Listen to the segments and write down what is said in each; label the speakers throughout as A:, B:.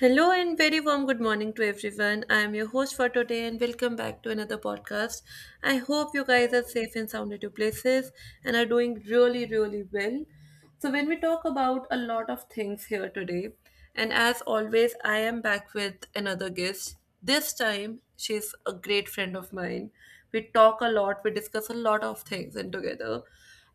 A: Hello and very warm good morning to everyone. I am your host for today and welcome back to another podcast. I hope you guys are safe and sound at your places and are doing really, really well. So, when we talk about a lot of things here today, and as always, I am back with another guest. This time, she's a great friend of mine. We talk a lot, we discuss a lot of things, and together,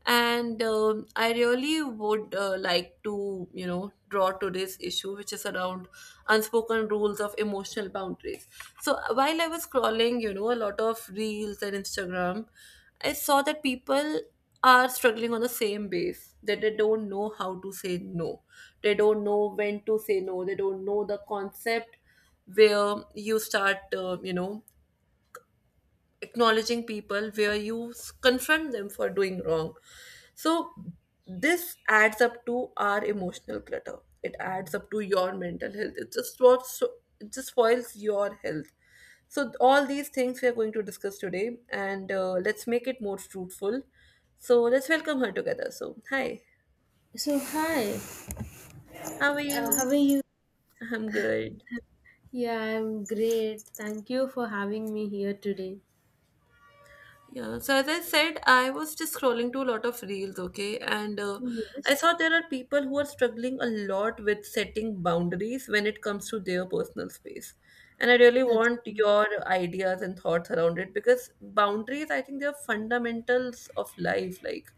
A: and I really would like to draw today's issue, which is around unspoken rules of emotional boundaries. So while I was scrolling, a lot of reels and Instagram I saw that people are struggling on the same base, that they don't know how to say no. They don't know when to say no. They don't know the concept where you start acknowledging people, where you confront them for doing wrong. So this adds up to our emotional clutter, it adds up to your mental health. It just spoils your health. So all these things we are going to discuss today, and let's make it more fruitful. So let's welcome her together. So hi,
B: So, hi.
A: how are
B: How
A: you?
B: are you?
A: I'm good.
B: Yeah, I'm great. Thank you for having me here today.
A: Yeah, so as I said, I was just scrolling to a lot of reels, okay, and I
B: Yes,
A: saw there are people who are struggling a lot with setting boundaries when it comes to their personal space. And I really
B: that's
A: want
B: true.
A: your ideas and thoughts around it because boundaries, I think, they are fundamentals of life. Like,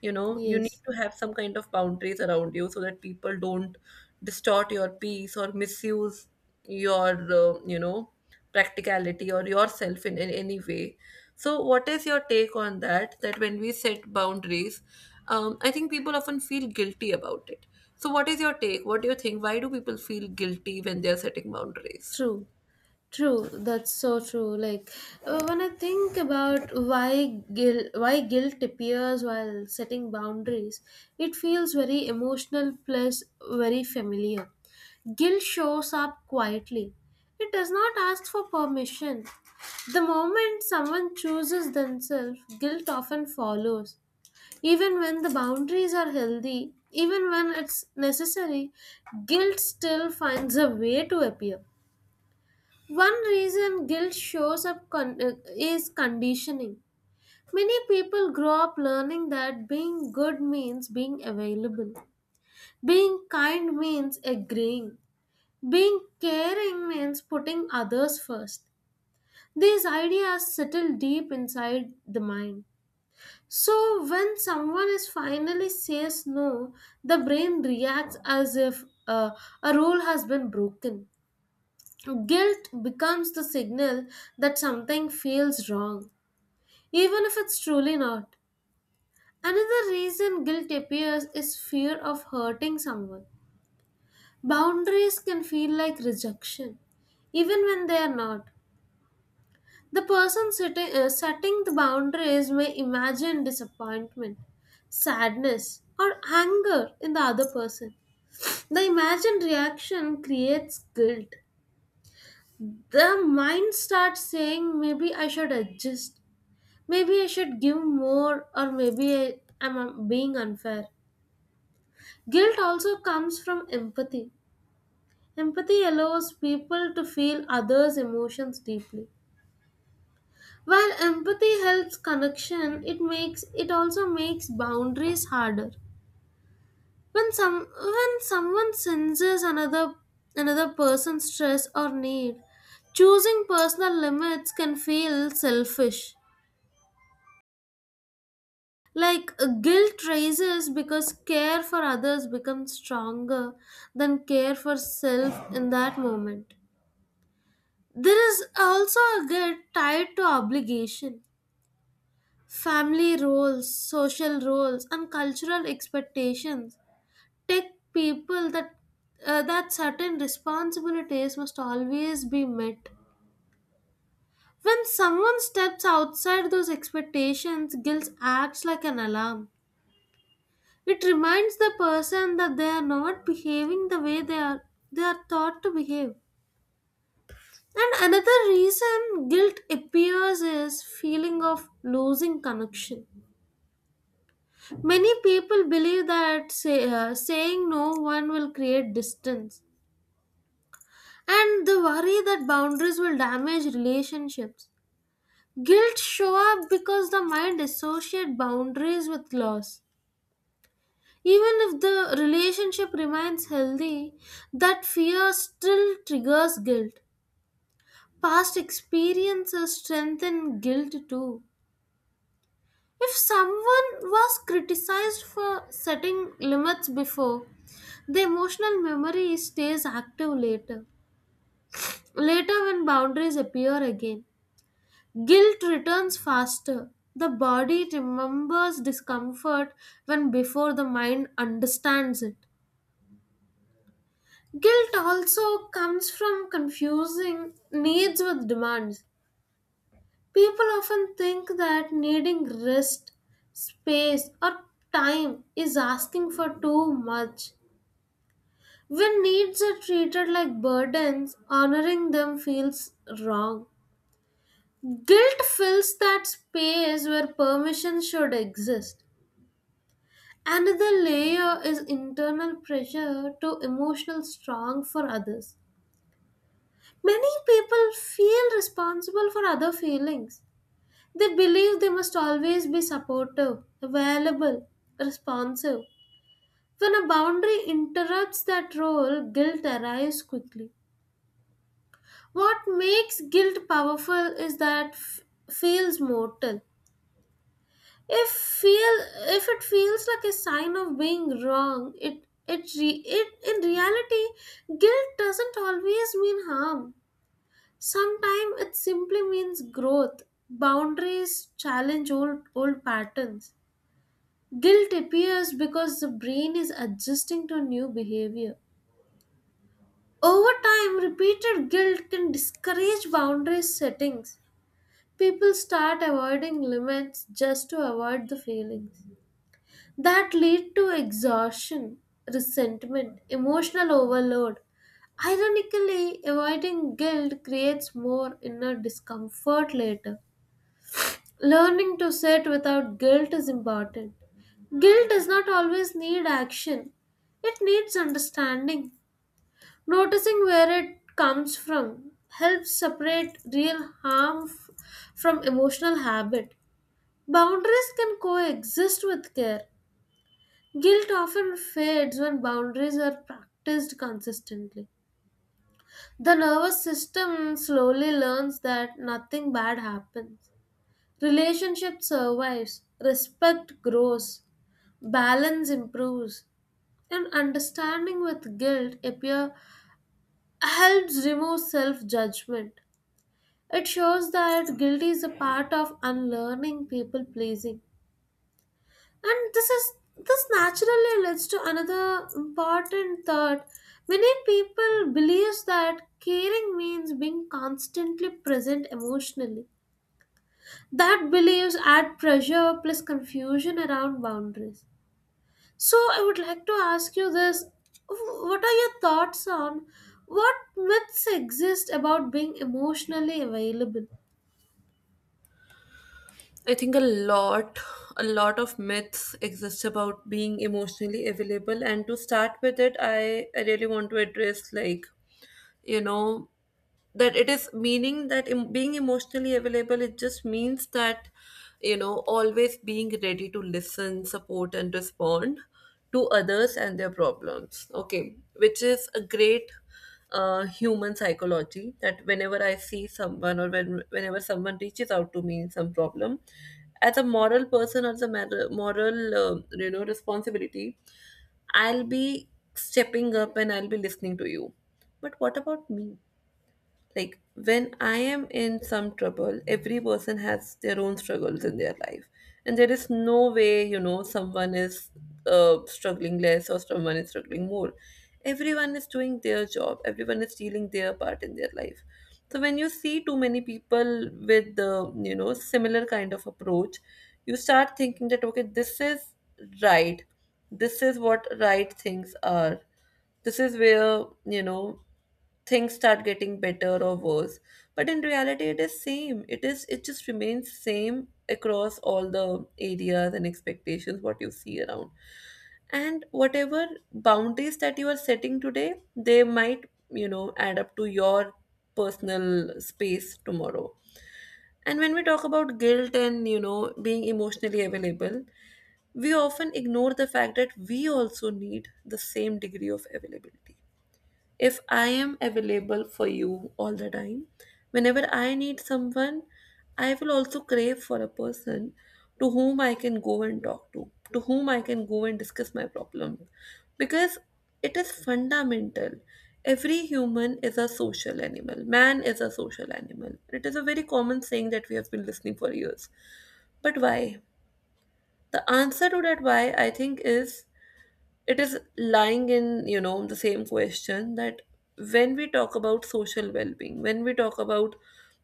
A: you need
B: Yes,
A: to have some kind of boundaries around you so that people don't distort your peace or misuse your practicality or yourself in, any way. So what is your take on that, when we set boundaries, I think people often feel guilty about it. So what is your take, what do you think, why do people feel guilty when they are setting boundaries?
B: true. True, that's so true. Like, when I think about why guilt appears while setting boundaries, it feels very emotional plus very familiar. Guilt shows up quietly. It does not ask for permission. The moment someone chooses themselves, guilt often follows. Even when the boundaries are healthy, even when it's necessary, guilt still finds a way to appear. One reason guilt shows up is conditioning. Many people grow up learning that being good means being available, being kind means agreeing, being caring means putting others first. These ideas settle deep inside the mind. So, when someone is finally says no, the brain reacts as if a rule has been broken. So, guilt becomes the signal that something feels wrong, even if it's truly not. Another reason guilt appears is fear of hurting someone. Boundaries can feel like rejection, even when they are not. The person setting the boundaries may imagine disappointment, sadness, or anger in the other person. The imagined reaction creates guilt. The mind starts saying, maybe I should adjust. Maybe I should give more, or maybe I am being unfair. Guilt also comes from empathy. Empathy allows people to feel others' emotions deeply. While empathy helps connection, it also makes boundaries harder. When someone senses another person's stress or need, choosing personal limits can feel selfish. Like, guilt rises because care for others becomes stronger than care for self in that moment. There is also a guilt tied to obligation. Family roles, social roles, and cultural expectations take people that certain responsibilities must always be met. When someone steps outside those expectations, guilt acts like an alarm. It reminds the person that they are not behaving the way they are taught to behave. And another reason guilt appears is feeling of losing connection. Many people believe that saying no one will create distance and the worry that boundaries will damage relationships. Guilt show up because the mind associate boundaries with loss. Even if the relationship remains healthy, that fear still triggers guilt. Past experiences strengthen guilt too. If someone was criticized for setting limits before, the emotional memory stays active later. Later, when boundaries appear again, guilt returns faster. The body remembers discomfort when before the mind understands it. Guilt also comes from confusing needs with demands. People often think that needing rest, space, or time is asking for too much. When needs are treated like burdens, honoring them feels wrong. Guilt fills that space where permission should exist. Another layer is internal pressure to emotional strong for others. Many people feel responsible for other feelings. They believe they must always be supportive, available, responsive. When a boundary interrupts that role, guilt arises quickly. What makes guilt powerful is that feels mortal. If feel if it feels like a sign of being wrong, it in reality guilt doesn't always mean harm. Sometimes it simply means growth. Boundaries challenge old patterns. Guilt appears because the brain is adjusting to new behavior. Over time, repeated guilt can discourage boundary settings. People start avoiding limits just to avoid the feelings that lead to exhaustion, resentment, emotional overload. Ironically, avoiding guilt creates more inner discomfort later. Learning to sit without guilt is important. Guilt does not always need action, it needs understanding. Noticing where it comes from helps separate real harm from emotional habit. Boundaries can coexist with care. Guilt often fades when boundaries are practiced consistently. The nervous system slowly learns that nothing bad happens. Relationship survives, respect grows, balance improves, and understanding with guilt appear helps remove self-judgment. It shows that guilt is a part of unlearning people pleasing. And this is This naturally leads to another important thought. Many people believe that caring means being constantly present emotionally. That believes add pressure plus confusion around boundaries. So I would like to ask you this. What are your thoughts on what myths exist about being emotionally available?
A: I think a lot of myths exist about being emotionally available. And to start with it, I really want to address, like, you know that it is meaning that being emotionally available, it just means that always being ready to listen, support, and respond to others and their problems, okay, which is a great human psychology, that whenever I see someone, or whenever someone reaches out to me in some problem, as a moral person, or as a moral responsibility, I'll be stepping up and I'll be listening to you. But what about me? Like, when I am in some trouble, every person has their own struggles in their life. And there is no way, someone is struggling less or someone is struggling more. Everyone is doing their job, everyone is dealing their part in their life. So, when you see too many people with the, similar kind of approach, you start thinking that, okay, this is right. This is what right things are, this is where, things start getting better or worse. But in reality it is same, it just remains same across all the areas and expectations what you see around. And whatever boundaries that you are setting today, they might, add up to your personal space tomorrow. And when we talk about guilt, and being emotionally available, we often ignore the fact that we also need the same degree of availability. If I am available for you all the time, whenever I need someone, I will also crave for a person to whom I can go and talk to whom I can go and discuss my problem. Because it is fundamental. Every human is a social animal. Man is a social animal. It is a very common saying that we have been listening for years. But why? The answer to that why, I think, is it is lying in, the same question, that when we talk about social well-being, when we talk about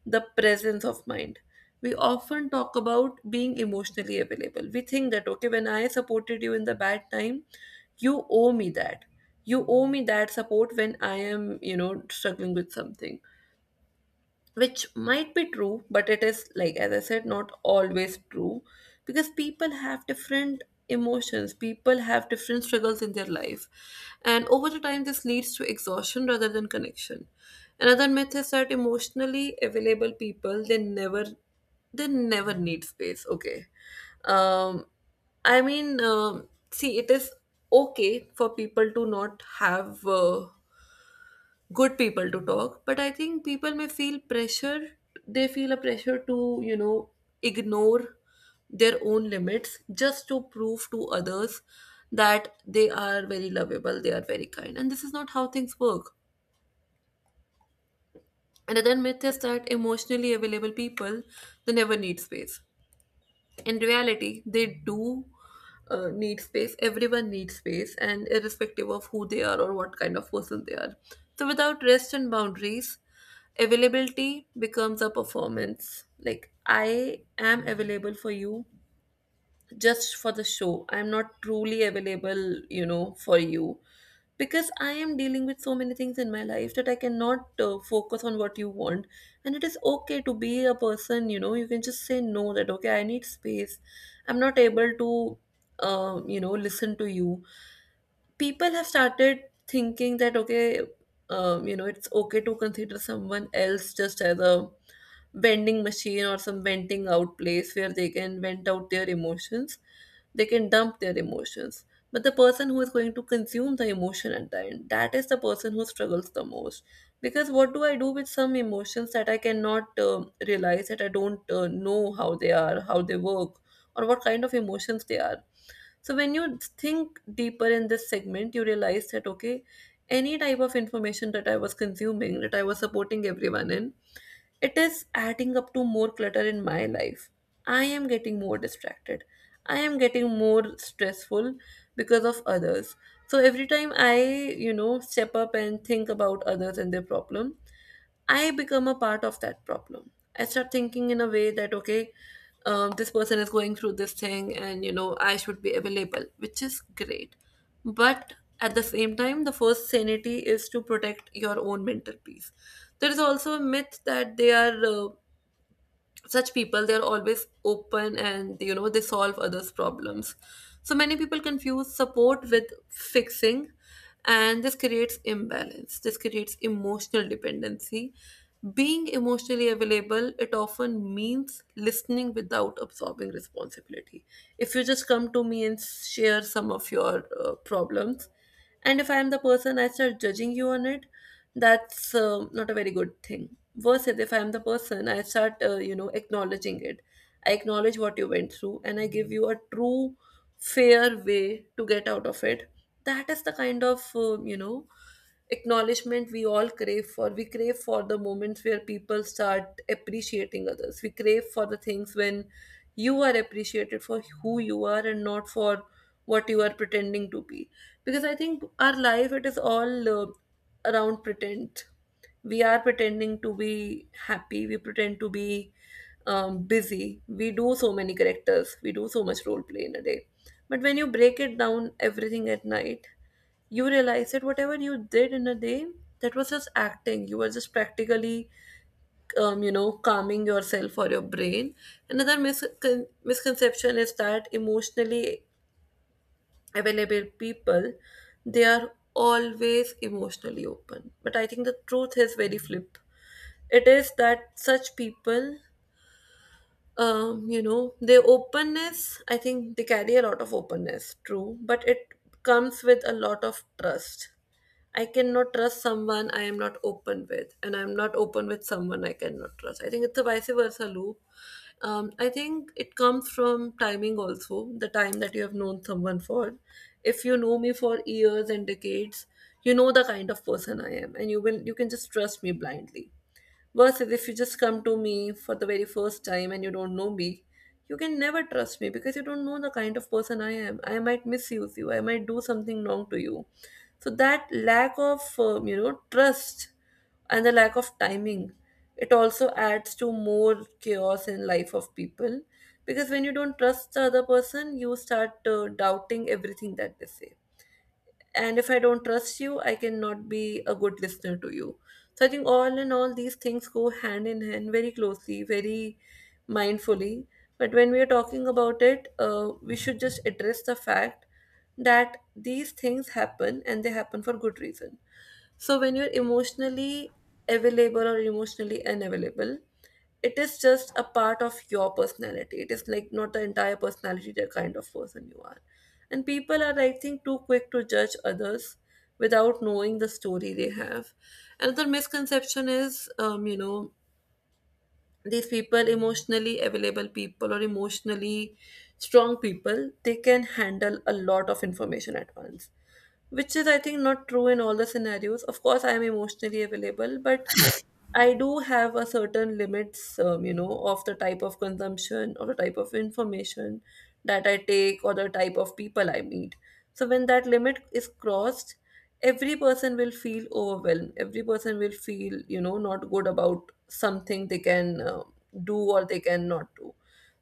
A: the presence of mind, we often talk about being emotionally available. We think that, okay, when I supported you in the bad time, you owe me that. You owe me that support when I am, struggling with something. Which might be true, but it is, like, as I said, not always true, because people have different emotions, people have different struggles in their life, and over the time this leads to exhaustion rather than connection. Another myth is that emotionally available people, they never need space, okay. um I mean, see, it is okay for people to not have good people to talk, but I think people may feel pressure, they feel a pressure to you know ignore their own limits just to prove to others that they are very lovable, they are very kind, and this is not how things work. Another myth is that emotionally available people, they never need space. In reality they do need space. Everyone needs space, and irrespective of who they are or what kind of person they are. So without rest and boundaries, availability becomes a performance. Like, I am available for you just for the show. I'm not truly available, for you, because I am dealing with so many things in my life that I cannot focus on what you want. And it is okay to be a person, you can just say no, that okay, I need space. I'm not able to, listen to you. People have started thinking that, okay, it's okay to consider someone else just as a vending machine or some venting out place where they can vent out their emotions, they can dump their emotions. But the person who is going to consume the emotion at the end, that is the person who struggles the most, because what do I do with some emotions that I cannot realize, that I don't know how they work, or what kind of emotions they are. So when you think deeper in this segment, you realize that, okay, any type of information that I was consuming, that I was supporting everyone in, it is adding up to more clutter in my life. I am getting more distracted. I am getting more stressful because of others. So every time I, step up and think about others and their problem, I become a part of that problem. I start thinking in a way that, okay, this person is going through this thing and, I should be available, which is great. But at the same time, the first sanity is to protect your own mental peace. There is also a myth that they are such people, they're always open, and they solve others' problems. So many people confuse support with fixing, and this creates imbalance, this creates emotional dependency. Being emotionally available, it often means listening without absorbing responsibility. If you just come to me and share some of your problems, and if I am the person, I start judging you on it, that's not a very good thing. Versus if I am the person, I start, acknowledging it. I acknowledge what you went through and I give you a true, fair way to get out of it. That is the kind of, acknowledgement we all crave for. We crave for the moments where people start appreciating others. We crave for the things when you are appreciated for who you are and not for what you are pretending to be. Because I think our life, it is all around pretend. We are pretending to be happy. We pretend to be busy. We do so many characters. We do so much role play in a day. But when you break it down everything at night, you realize that whatever you did in a day, that was just acting, you were just practically, calming yourself or your brain. Another misconception is that emotionally available people, they are always emotionally open, but I think the truth is very flip. It is that such people, their openness, I think they carry a lot of openness, true, but it comes with a lot of trust. I cannot trust someone I am not open with, and I'm not open with someone I cannot trust. I think it's a vice versa loop. I think it comes from timing also, the time that you have known someone for. If you know me for years and decades, you know the kind of person I am, and you can just trust me blindly. Versus if you just come to me for the very first time and you don't know me, you can never trust me because you don't know the kind of person I am. I might misuse you, I might do something wrong to you. So that lack of, trust and the lack of timing, it also adds to more chaos in life of people, because when you don't trust the other person you start doubting everything that they say. And if I don't trust you, I cannot be a good listener to you. So I think all in all these things go hand in hand very closely, very mindfully. But when we are talking about it, we should just address the fact that these things happen and they happen for good reason. So when you're emotionally available or emotionally unavailable, it is just a part of your personality. It is like not the entire personality, the kind of person you are. And people are, I think, too quick to judge others without knowing the story they have. Another misconception is, these people, emotionally available people or emotionally strong people, they can handle a lot of information at once, which is, I think, not true in all the scenarios. Of course, I am emotionally available, but I do have a certain limits, of the type of consumption or the type of information that I take or the type of people I meet. So when that limit is crossed, every person will feel overwhelmed. Every person will feel, you know, not good about something they can do or they cannot do.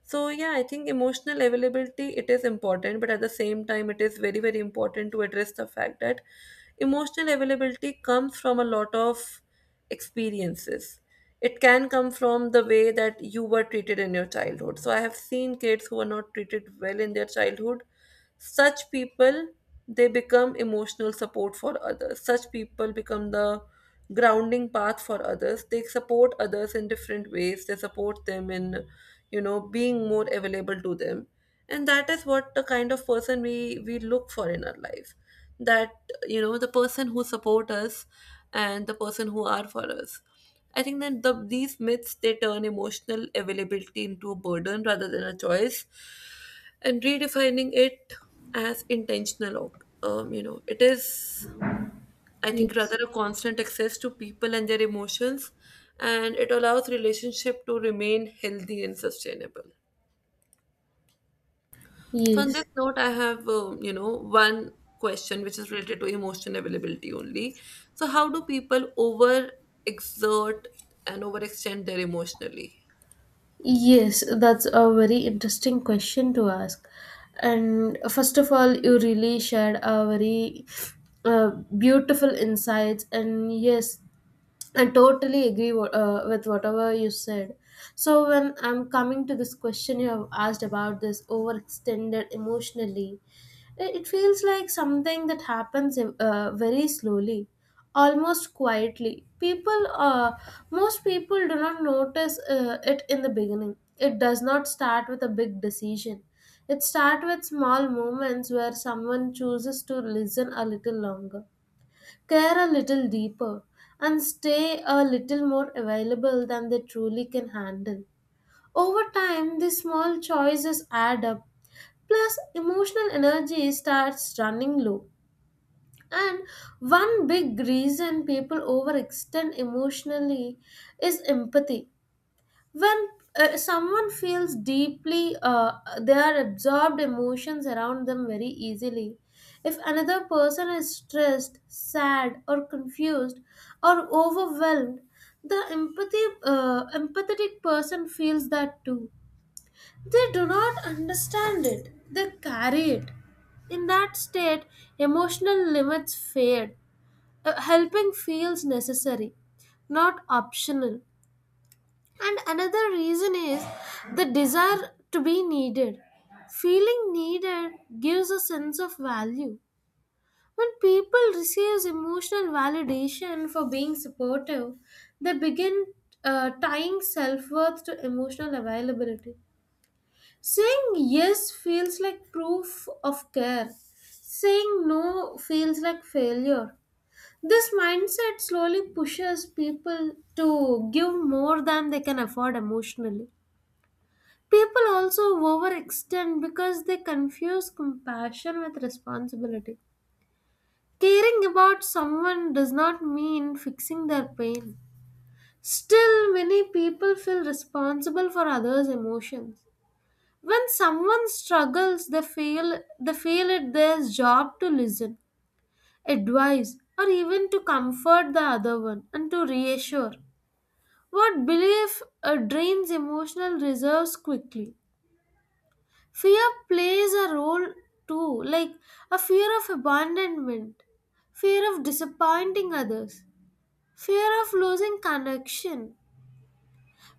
A: So yeah, I think emotional availability it is important, but at the same time, it is very very important to address the fact that emotional availability comes from a lot of experiences. It can come from the way that you were treated in your childhood. So I have seen kids who are not treated well in their childhood. Such people, they become emotional support for others. Such people become the grounding path for others. They support others in different ways. They support them in, you know, being more available to them. And that is what the kind of person we look for in our life, that you know the person who support us and the person who are for us. I think that these myths, they turn emotional availability into a burden rather than a choice, and redefining it as intentional, you know, it is, I think, rather
B: Yes.
A: a constant access to people and their emotions, and it allows relationship to remain healthy and sustainable. So on this
B: Yes.
A: note, I have one question which is related to emotion availability only. So how do people over exert and overextend their emotionally?
B: Yes, that's a very interesting question to ask. And first of all, you really shared a very uh, beautiful insights. And yes, I totally agree with whatever you said. So, when I'm coming to this question you have asked about this overextended emotionally, it feels like something that happens very slowly, almost quietly. Most people do not notice it in the beginning. It does not start with a big decision. It starts with small moments where someone chooses to listen a little longer, care a little deeper, and stay a little more available than they truly can handle. Over time, these small choices add up, plus, emotional energy starts running low. And one big reason people overextend emotionally is empathy. When someone feels deeply, they are absorbed emotions around them very easily. If another person is stressed, sad, or confused, or overwhelmed, the empathy empathetic person feels that too. They do not understand it, they carry it. In that state, emotional limits fade. Helping feels necessary, not optional. And another reason is the desire to be needed. Feeling needed gives a sense of value. When people receive emotional validation for being supportive, they begin tying self worth to emotional availability. Saying yes feels like proof of care, saying no feels like failure. This mindset slowly pushes people to give more than they can afford emotionally. People also overextend because they confuse compassion with responsibility. Caring about someone does not mean fixing their pain. Still, many people feel responsible for others' emotions. When someone struggles, they feel it their job to listen, advise, or even to comfort the other one and to reassure. What belief drains emotional reserves quickly. Fear plays a role too, like a fear of abandonment, fear of disappointing others, fear of losing connection.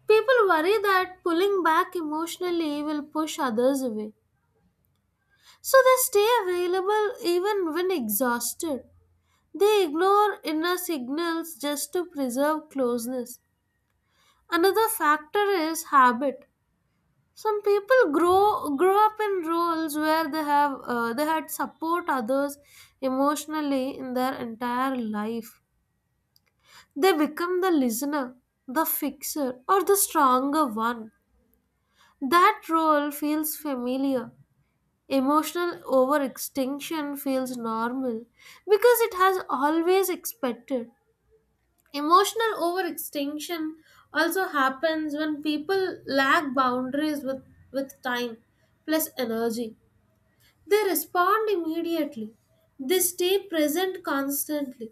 B: People worry that pulling back emotionally will push others away. So they stay available even when exhausted. They ignore inner signals just to preserve closeness. Another factor is habit. Some people grow up in roles where they had support others emotionally in their entire life. They become the listener, the fixer, or the stronger one. That role feels familiar, emotional overextension feels normal because it has always expected. Emotional overextension also happens when people lack boundaries with time plus energy. They respond immediately. They stay present constantly.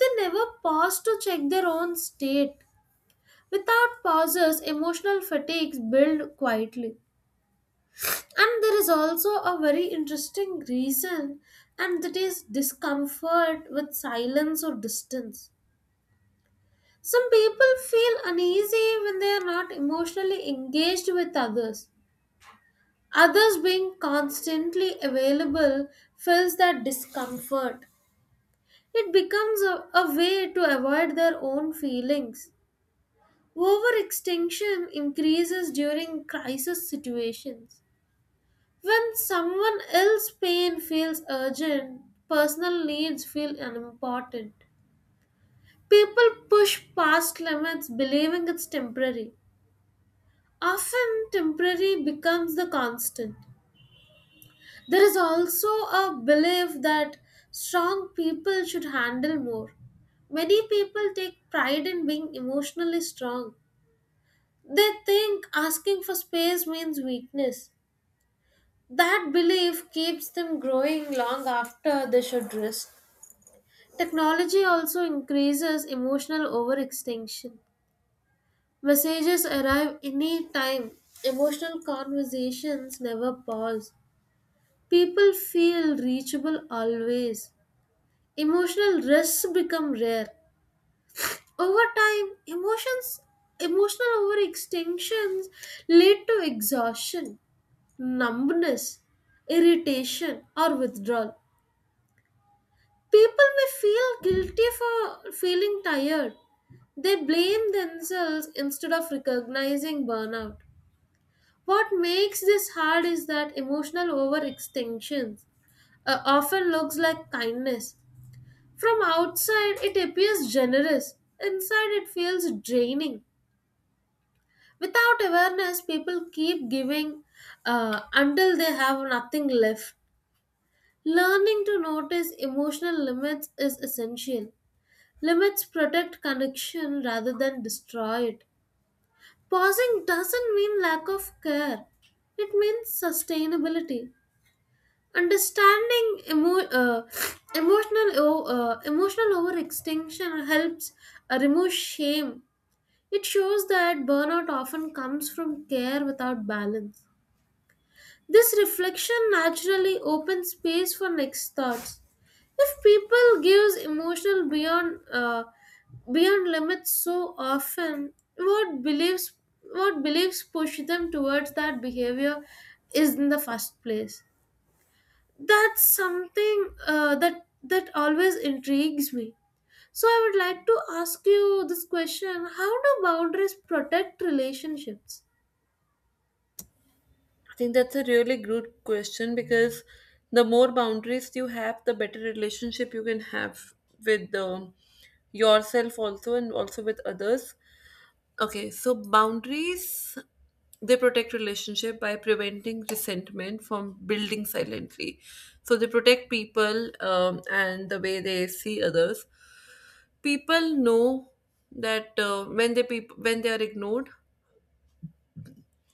B: They never pause to check their own state. Without pauses, emotional fatigues build quietly. And there is also a very interesting reason, and that is discomfort with silence or distance. Some people feel uneasy when they are not emotionally engaged with others. Others being constantly available fills that discomfort. It becomes a way to avoid their own feelings. Overextension increases during crisis situations. When someone else's pain feels urgent, personal needs feel unimportant. People push past limits believing it's temporary. Often, temporary becomes the constant. There is also a belief that strong people should handle more. Many people take pride in being emotionally strong. They think asking for space means weakness. That belief keeps them growing long after they should rest. Technology also increases emotional overextension. Messages arrive anytime. Emotional conversations never pause. People feel reachable always. Emotional risks become rare. Over time, emotions emotional overextensions lead to exhaustion, numbness, irritation, or withdrawal. People may feel guilty for feeling tired. They blame themselves instead of recognizing burnout. What makes this hard is that emotional overextension often looks like kindness. From outside, it appears generous. Inside, it feels draining. Without awareness, people keep giving until they have nothing left. Learning to notice emotional limits is essential. Limits protect connection rather than destroy it. Pausing doesn't mean lack of care, it means sustainability. Understanding emo- emotional o- emotional overextension helps remove shame. It shows that burnout often comes from care without balance. This reflection naturally opens space for next thoughts. If people gives emotional beyond limits so often, what beliefs push them towards that behavior is in the first place. That's something that always intrigues me. So I would like to ask you this question: how do boundaries protect relationships?
A: I think that's a really good question because the more boundaries you have, the better relationship you can have with yourself also and also with others. Okay, so boundaries, they protect relationship by preventing resentment from building silently. So they protect people, and the way they see others. People know that, when when they are ignored,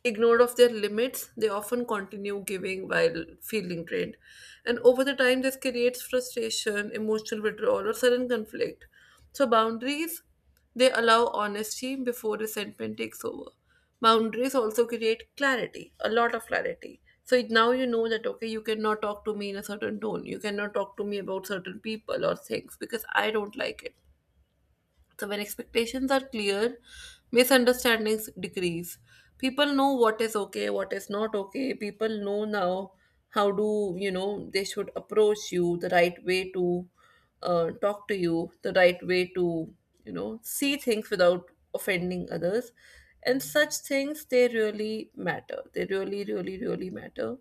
A: ignored of their limits, they often continue giving while feeling drained. And over the time, this creates frustration, emotional withdrawal, or sudden conflict. So, boundaries, they allow honesty before resentment takes over. Boundaries also create clarity, a lot of clarity. So now you know that, okay, you cannot talk to me in a certain tone. You cannot talk to me about certain people or things because I don't like it. So, when expectations are clear, misunderstandings decrease. People know what is okay, what is not okay. People know now how to, you know, they should approach you, the right way to talk to you, the right way to, you know, see things without offending others. And such things, they really matter. They really, really, really matter.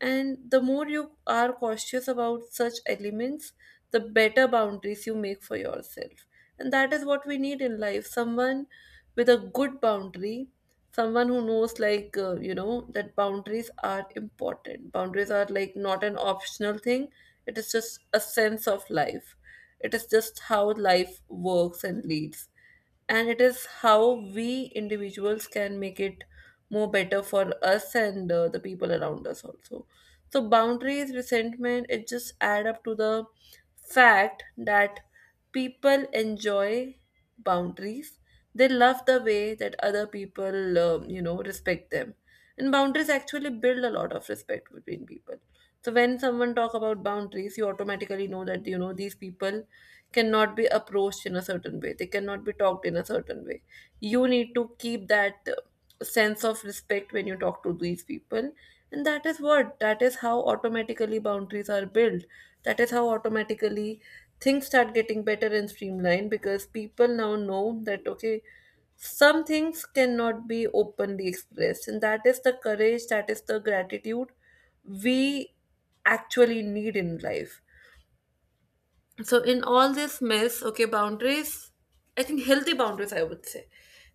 A: And the more you are cautious about such elements, the better boundaries you make for yourself. And that is what we need in life, someone with a good boundary, someone who knows, like, you know, that boundaries are important. Boundaries are like not an optional thing, it is just a sense of life. It is just how life works and leads, and it is how we individuals can make it more better for us and the people around us also. So boundaries, resentment, it just add up to the fact that people enjoy boundaries. They love the way that other people, you know, respect them. And boundaries actually build a lot of respect between people. So when someone talk about boundaries, you automatically know that, you know, these people cannot be approached in a certain way, they cannot be talked in a certain way. You need to keep that sense of respect when you talk to these people. And that is what, that is how automatically boundaries are built, that is how automatically things start getting better and streamlined, because people now know that, okay, some things cannot be openly expressed, and that is the courage, that is the gratitude we actually need in life. So in all this mess, okay, boundaries, I think healthy boundaries, I would say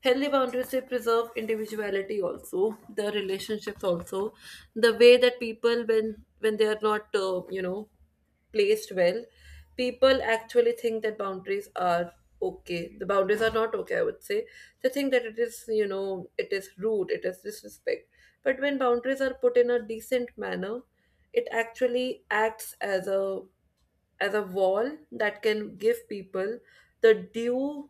A: healthy boundaries, they preserve individuality also, the relationships also. The way that people, when they are not, you know, placed well, people actually think that boundaries are okay, the boundaries are not okay, I would say. They think that it is, you know, it is rude, it is disrespect. But when boundaries are put in a decent manner, it actually acts as a wall that can give people the due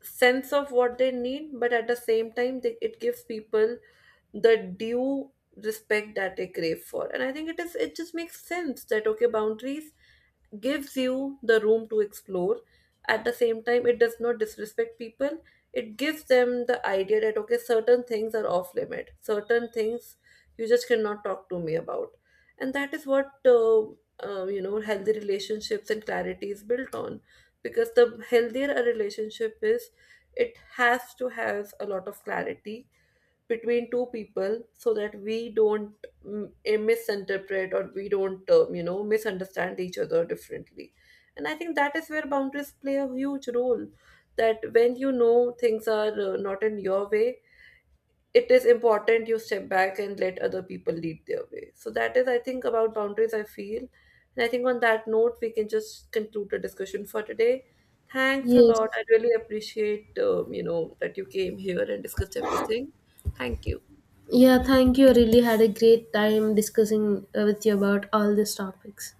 A: sense of what they need, but at the same time, it gives people the due respect that they crave for. And I think it is, it just makes sense that, okay, boundaries gives you the room to explore, at the same time it does not disrespect people. It gives them the idea that, okay, certain things are off limit, certain things you just cannot talk to me about. And that is what, you know, healthy relationships and clarity is built on, because the healthier a relationship is, it has to have a lot of clarity between two people, so that we don't misinterpret, or we don't, you know, misunderstand each other differently. And I think that is where boundaries play a huge role, that when you know things are, not in your way, it is important you step back and let other people lead their way. So that is, I think, about boundaries I feel, and I think on that note we can just conclude the discussion for today. Thanks a
B: Yes.
A: lot, I really appreciate, you know, that you came here and discussed everything. Thank you.
B: Yeah, thank you. I really had a great time discussing with you about all these topics.